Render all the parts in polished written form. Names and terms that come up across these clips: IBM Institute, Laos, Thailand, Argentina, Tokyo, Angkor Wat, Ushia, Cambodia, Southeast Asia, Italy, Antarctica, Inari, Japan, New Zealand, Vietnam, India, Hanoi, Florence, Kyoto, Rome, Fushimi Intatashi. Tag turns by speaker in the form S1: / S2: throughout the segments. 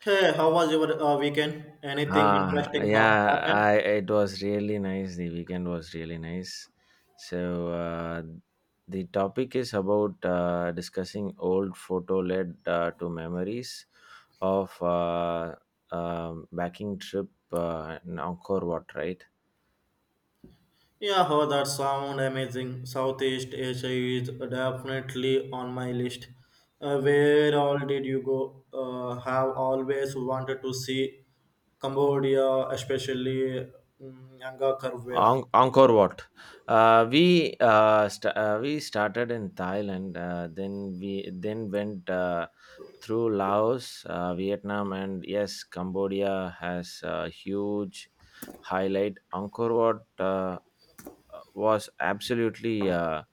S1: Hey, how was your weekend? Anything interesting
S2: Yeah,
S1: happen?
S2: I it was really nice. The weekend was really nice. So uh, the topic is about discussing old photo led to memories of backing trip in Angkor Wat, right?
S1: Yeah, oh, that sound amazing. Southeast Asia is definitely on my list. Where all did you go? Have always wanted to see Cambodia, especially Angkor Wat.
S2: Angkor Wat. We we started in Thailand, then we then went through Laos, Vietnam, and yes, Cambodia has a huge highlight. Angkor Wat was absolutely.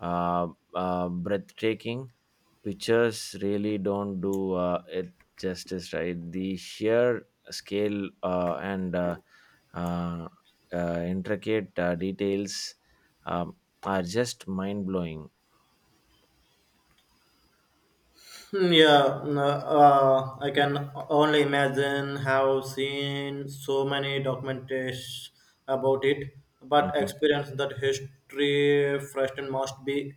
S2: uh, Breathtaking. Pictures really don't do it justice, right? The sheer scale and uh, intricate details um, are just mind blowing.
S1: Yeah, I can only imagine have seen so many documentations about it, but experience that history firsthand must be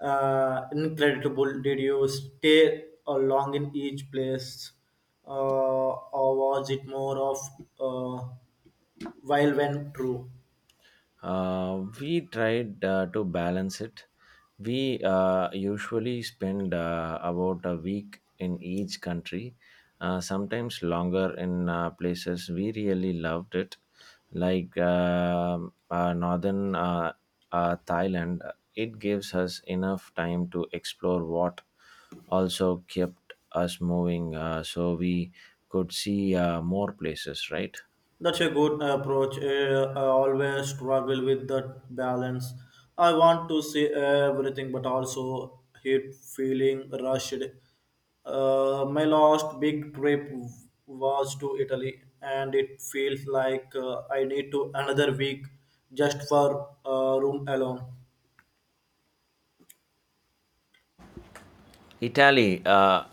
S1: incredible. Did you stay along in each place, uh, or was it more of uh, while when true?
S2: We tried to balance it. We usually spend about a week in each country, sometimes longer in places we really loved it, like northern Thailand. It gives us enough time to explore what also kept us moving, so we could see more places, right?
S1: That's a good approach. I always struggle with that balance. I want to see everything, but also hate feeling rushed. My last big trip was to Italy, and it feels like I need to another week just for room alone.
S2: Italy uh,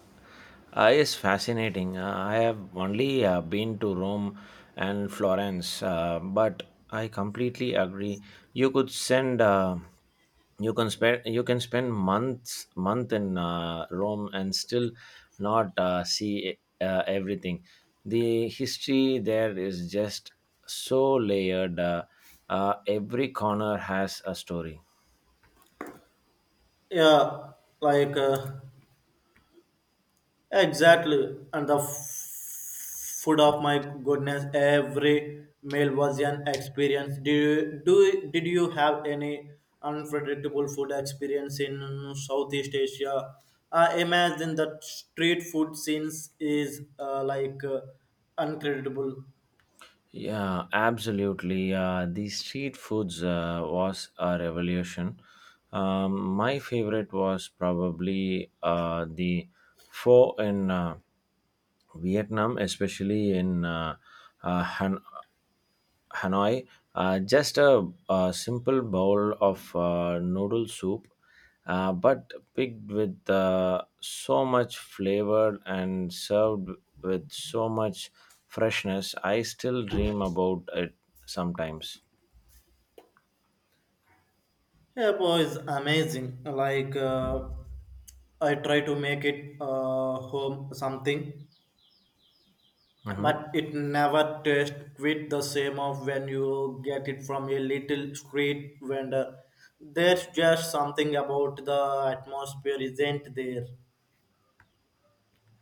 S2: uh, is fascinating. I have only been to Rome and Florence, but I completely agree. You could send, uh, you you can spend month in Rome and still not see everything. The history there is just so layered. Every corner has a story.
S1: Yeah, like. Uh, Exactly, and the food of my goodness, every meal was an experience. Do did you have any unpredictable food experience in Southeast Asia? I imagine that street food scenes is uncredible.
S2: Yeah, absolutely. The street foods was a revolution. My favorite was probably the pho in Vietnam, especially in Hanoi. Hanoi, just a simple bowl of noodle soup, but picked with so much flavor and served with so much freshness. I still dream about it sometimes.
S1: Yeah, boy, it's amazing. I try to make it home something,
S2: Mhm.
S1: but it never tastes quite the same of when you get it from a little street vendor. There's just something about the atmosphere isn't there.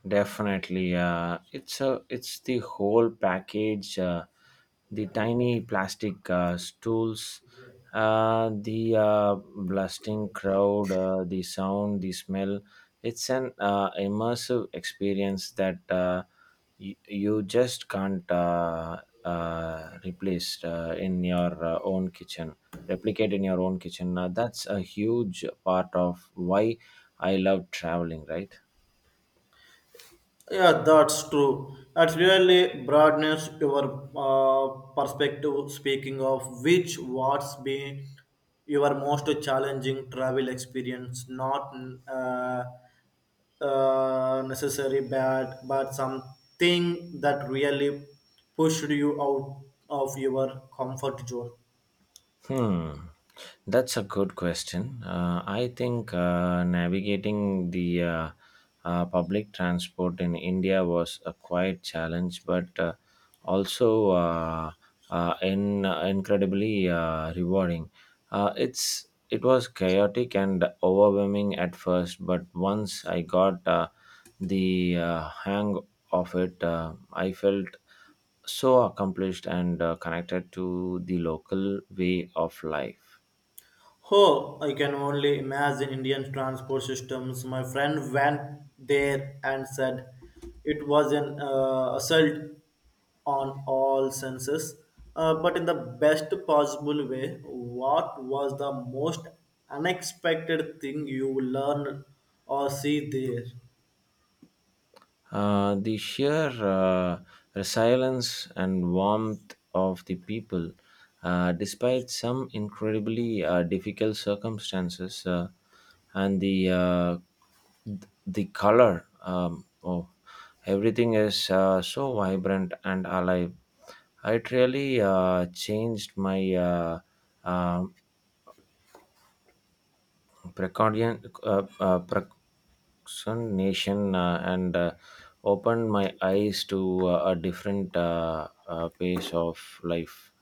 S2: Definitely, it's a it's the whole package, the tiny plastic stools, the blasting crowd, the sound, the smell. It's an immersive experience that, you just can't replace in your own kitchen, replicate in your own kitchen. That's a huge part of why I love traveling, right?
S1: Yeah, that's true. That's really broadens your perspective. Speaking of which, what's been your most challenging travel experience? Not uh, Necessary bad, but something that really pushed you out of your comfort zone.
S2: Hmm, that's a good question. I think navigating the public transport in India was a quite challenge, but also in incredibly rewarding. Uh, it's it was chaotic and overwhelming at first, but once I got the hang of it, I felt so accomplished and connected to the local way of life.
S1: Oh, I can only imagine Indian transport systems. My friend went there and said it was an assault on all senses, but in the best possible way. What was the most unexpected thing you learned or see there?
S2: The sheer resilience and warmth of the people, despite some incredibly difficult circumstances, and the color, oh, everything is so vibrant and alive. It really changed my um precaution, procrastination, and opened my eyes to a different pace of life.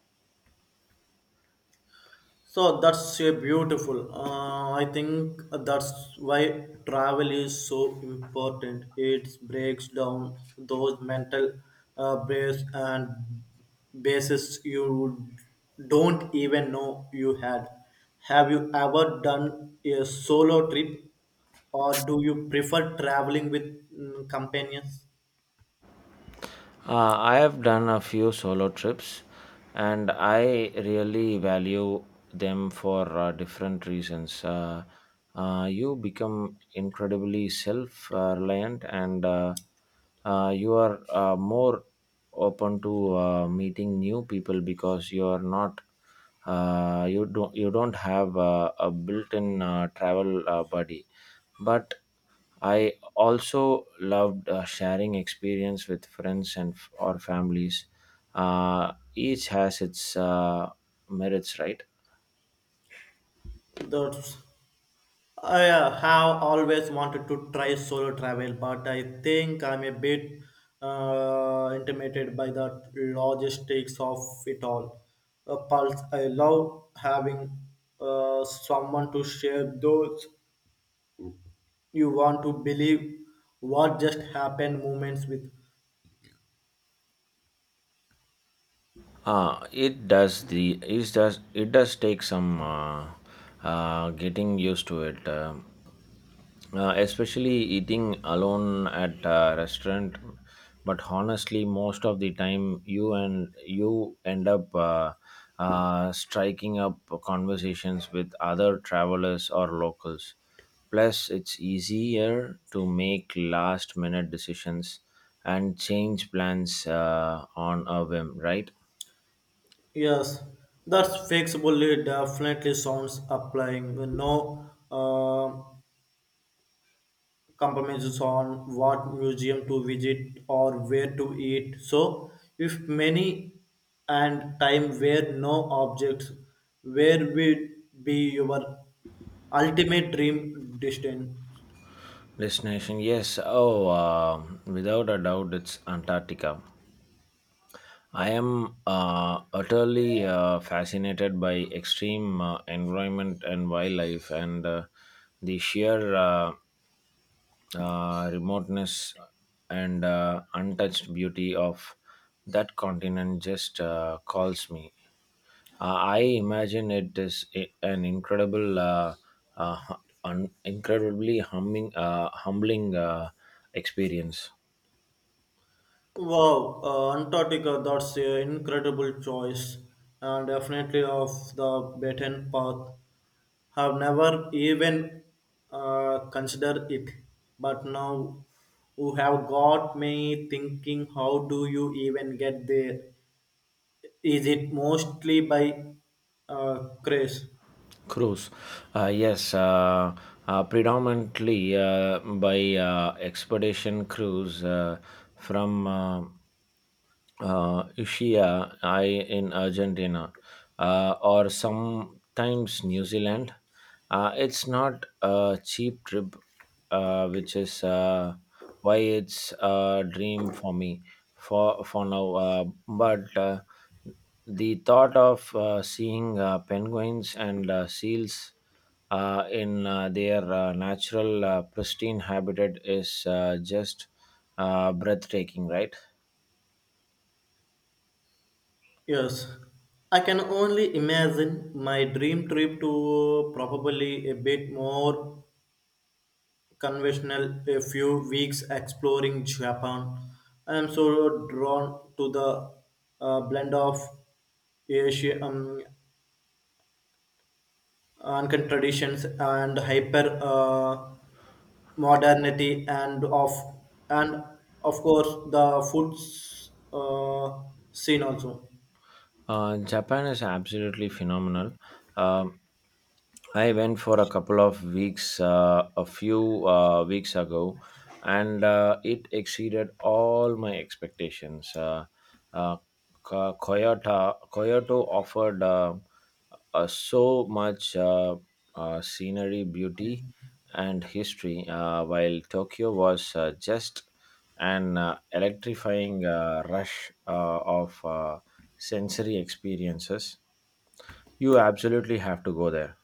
S1: So that's a beautiful. I think that's why travel is so important. It breaks down those mental base and bases you don't even know you had. Have you ever done a solo trip, or do you prefer traveling with companions?
S2: I have done a few solo trips, and I really value them for different reasons. You become incredibly self-reliant, and you are more open to meeting new people because you are not you don't have a built-in travel buddy, but I also loved sharing experience with friends or families. Each has its merits, right?
S1: That's I have always wanted to try solo travel, but I think I'm a bit intimidated by the logistics of it all. Pulse, I love having someone to share those you want to believe what just happened moments with.
S2: It does take some getting used to it. Especially eating alone at a restaurant, but honestly most of the time you end up striking up conversations with other travelers or locals. Plus it's easier to make last minute decisions and change plans on a whim, right?
S1: Yes, that's fixable. It definitely sounds applying. No. Compromises on what museum to visit or where to eat. So, if many and time were no objects, where would be your ultimate dream destined?
S2: Destination, yes. Oh Without a doubt, it's Antarctica. I am utterly fascinated by extreme environment and wildlife, and the sheer remoteness and untouched beauty of that continent just calls me. I imagine it is an incredible, uh, hu- incredibly humbling experience.
S1: Wow, Antarctica, that's an incredible choice and definitely off the beaten path. Have never even considered it, but now you have got me thinking how do you even get there? Is it mostly by craze?
S2: Cruise. Yes, predominantly by expedition cruise from Ushia, I in Argentina, or sometimes New Zealand. It's not a cheap trip, which is why it's a dream for me for now. But the thought of seeing penguins and seals in their natural pristine habitat is just breathtaking, right?
S1: Yes. I can only imagine my dream trip to probably a bit more conventional a few weeks exploring Japan. I am so drawn to the blend of Asian Ankan traditions and hyper modernity and of course the foods scene also.
S2: Japan is absolutely phenomenal. Um, I went for a couple of weeks, a few weeks ago, and it exceeded all my expectations. Uh, Kyoto, Kyoto offered so much scenery, beauty, and history, while Tokyo was just an electrifying rush of sensory experiences. You absolutely have to go there.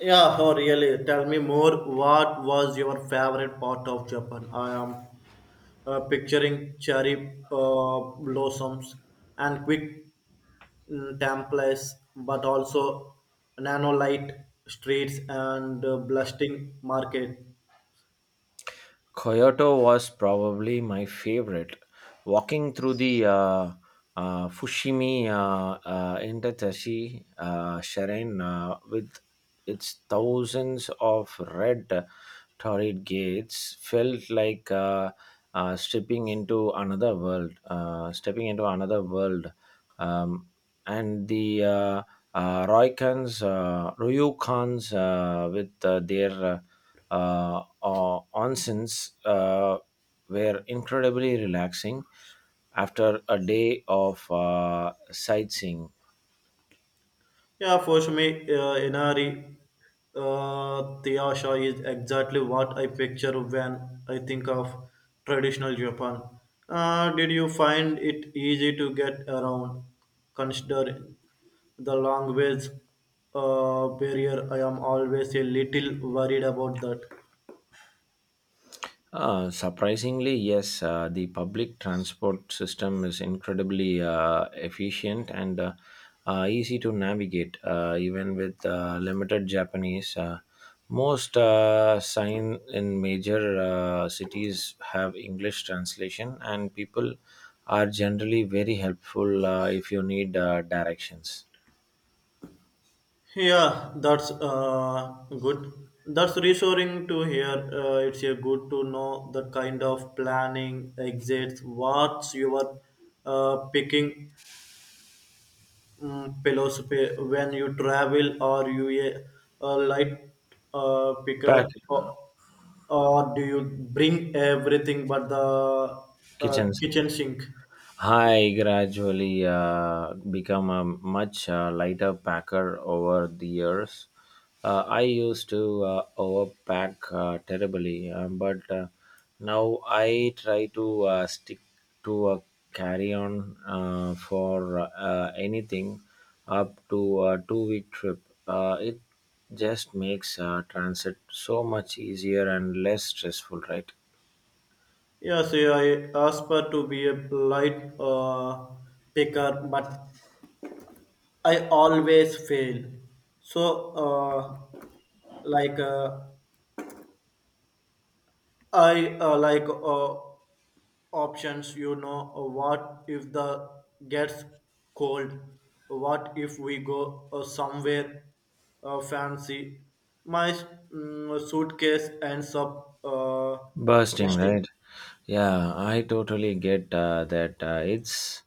S1: Yeah, oh really. Tell me more. What was your favorite part of Japan? I am picturing cherry blossoms and quick templates, but also nanolite streets and blasting market.
S2: Kyoto was probably my favorite. Walking through the Fushimi Intatashi Shrine with its thousands of red turret gates felt like stepping into another world, um, and the Ryukans, with their onsens were incredibly relaxing after a day of sightseeing.
S1: Yeah, for me, Inari Tiyasha is exactly what I picture when I think of traditional Japan. Did you find it easy to get around, considering the language barrier? I am always a little worried about that.
S2: Surprisingly, yes, the public transport system is incredibly efficient and easy to navigate, even with limited Japanese. Most sign in major cities have English translation, and people are generally very helpful if you need directions.
S1: Yeah, that's good. That's reassuring to hear. It's good to know the kind of planning exists. What's your picking philosophy when you travel? Are you a light picker,
S2: Pack uh,
S1: or do you bring everything but the
S2: kitchens.
S1: kitchen sink?
S2: I gradually become a much lighter packer over the years. I used to overpack terribly, but now I try to stick to a carry on for anything up to a 2 week trip. It just makes transit so much easier and less stressful, right?
S1: Yes, I aspire to be a light picker, but I always fail. So, like I like options. What if the gets cold? What if we go somewhere fancy? My suitcase ends up
S2: Bursting, right.
S1: resting.
S2: Yeah, I totally get that. uh, it's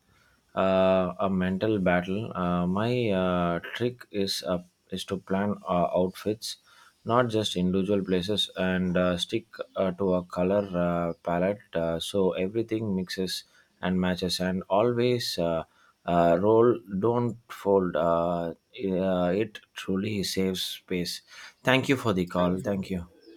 S2: uh, a mental battle. My trick is to plan outfits, not just individual places, and stick to a color palette so everything mixes and matches. And always, roll don't fold. It truly saves space. Thank you for the call,
S1: Thanks for-
S2: thank you.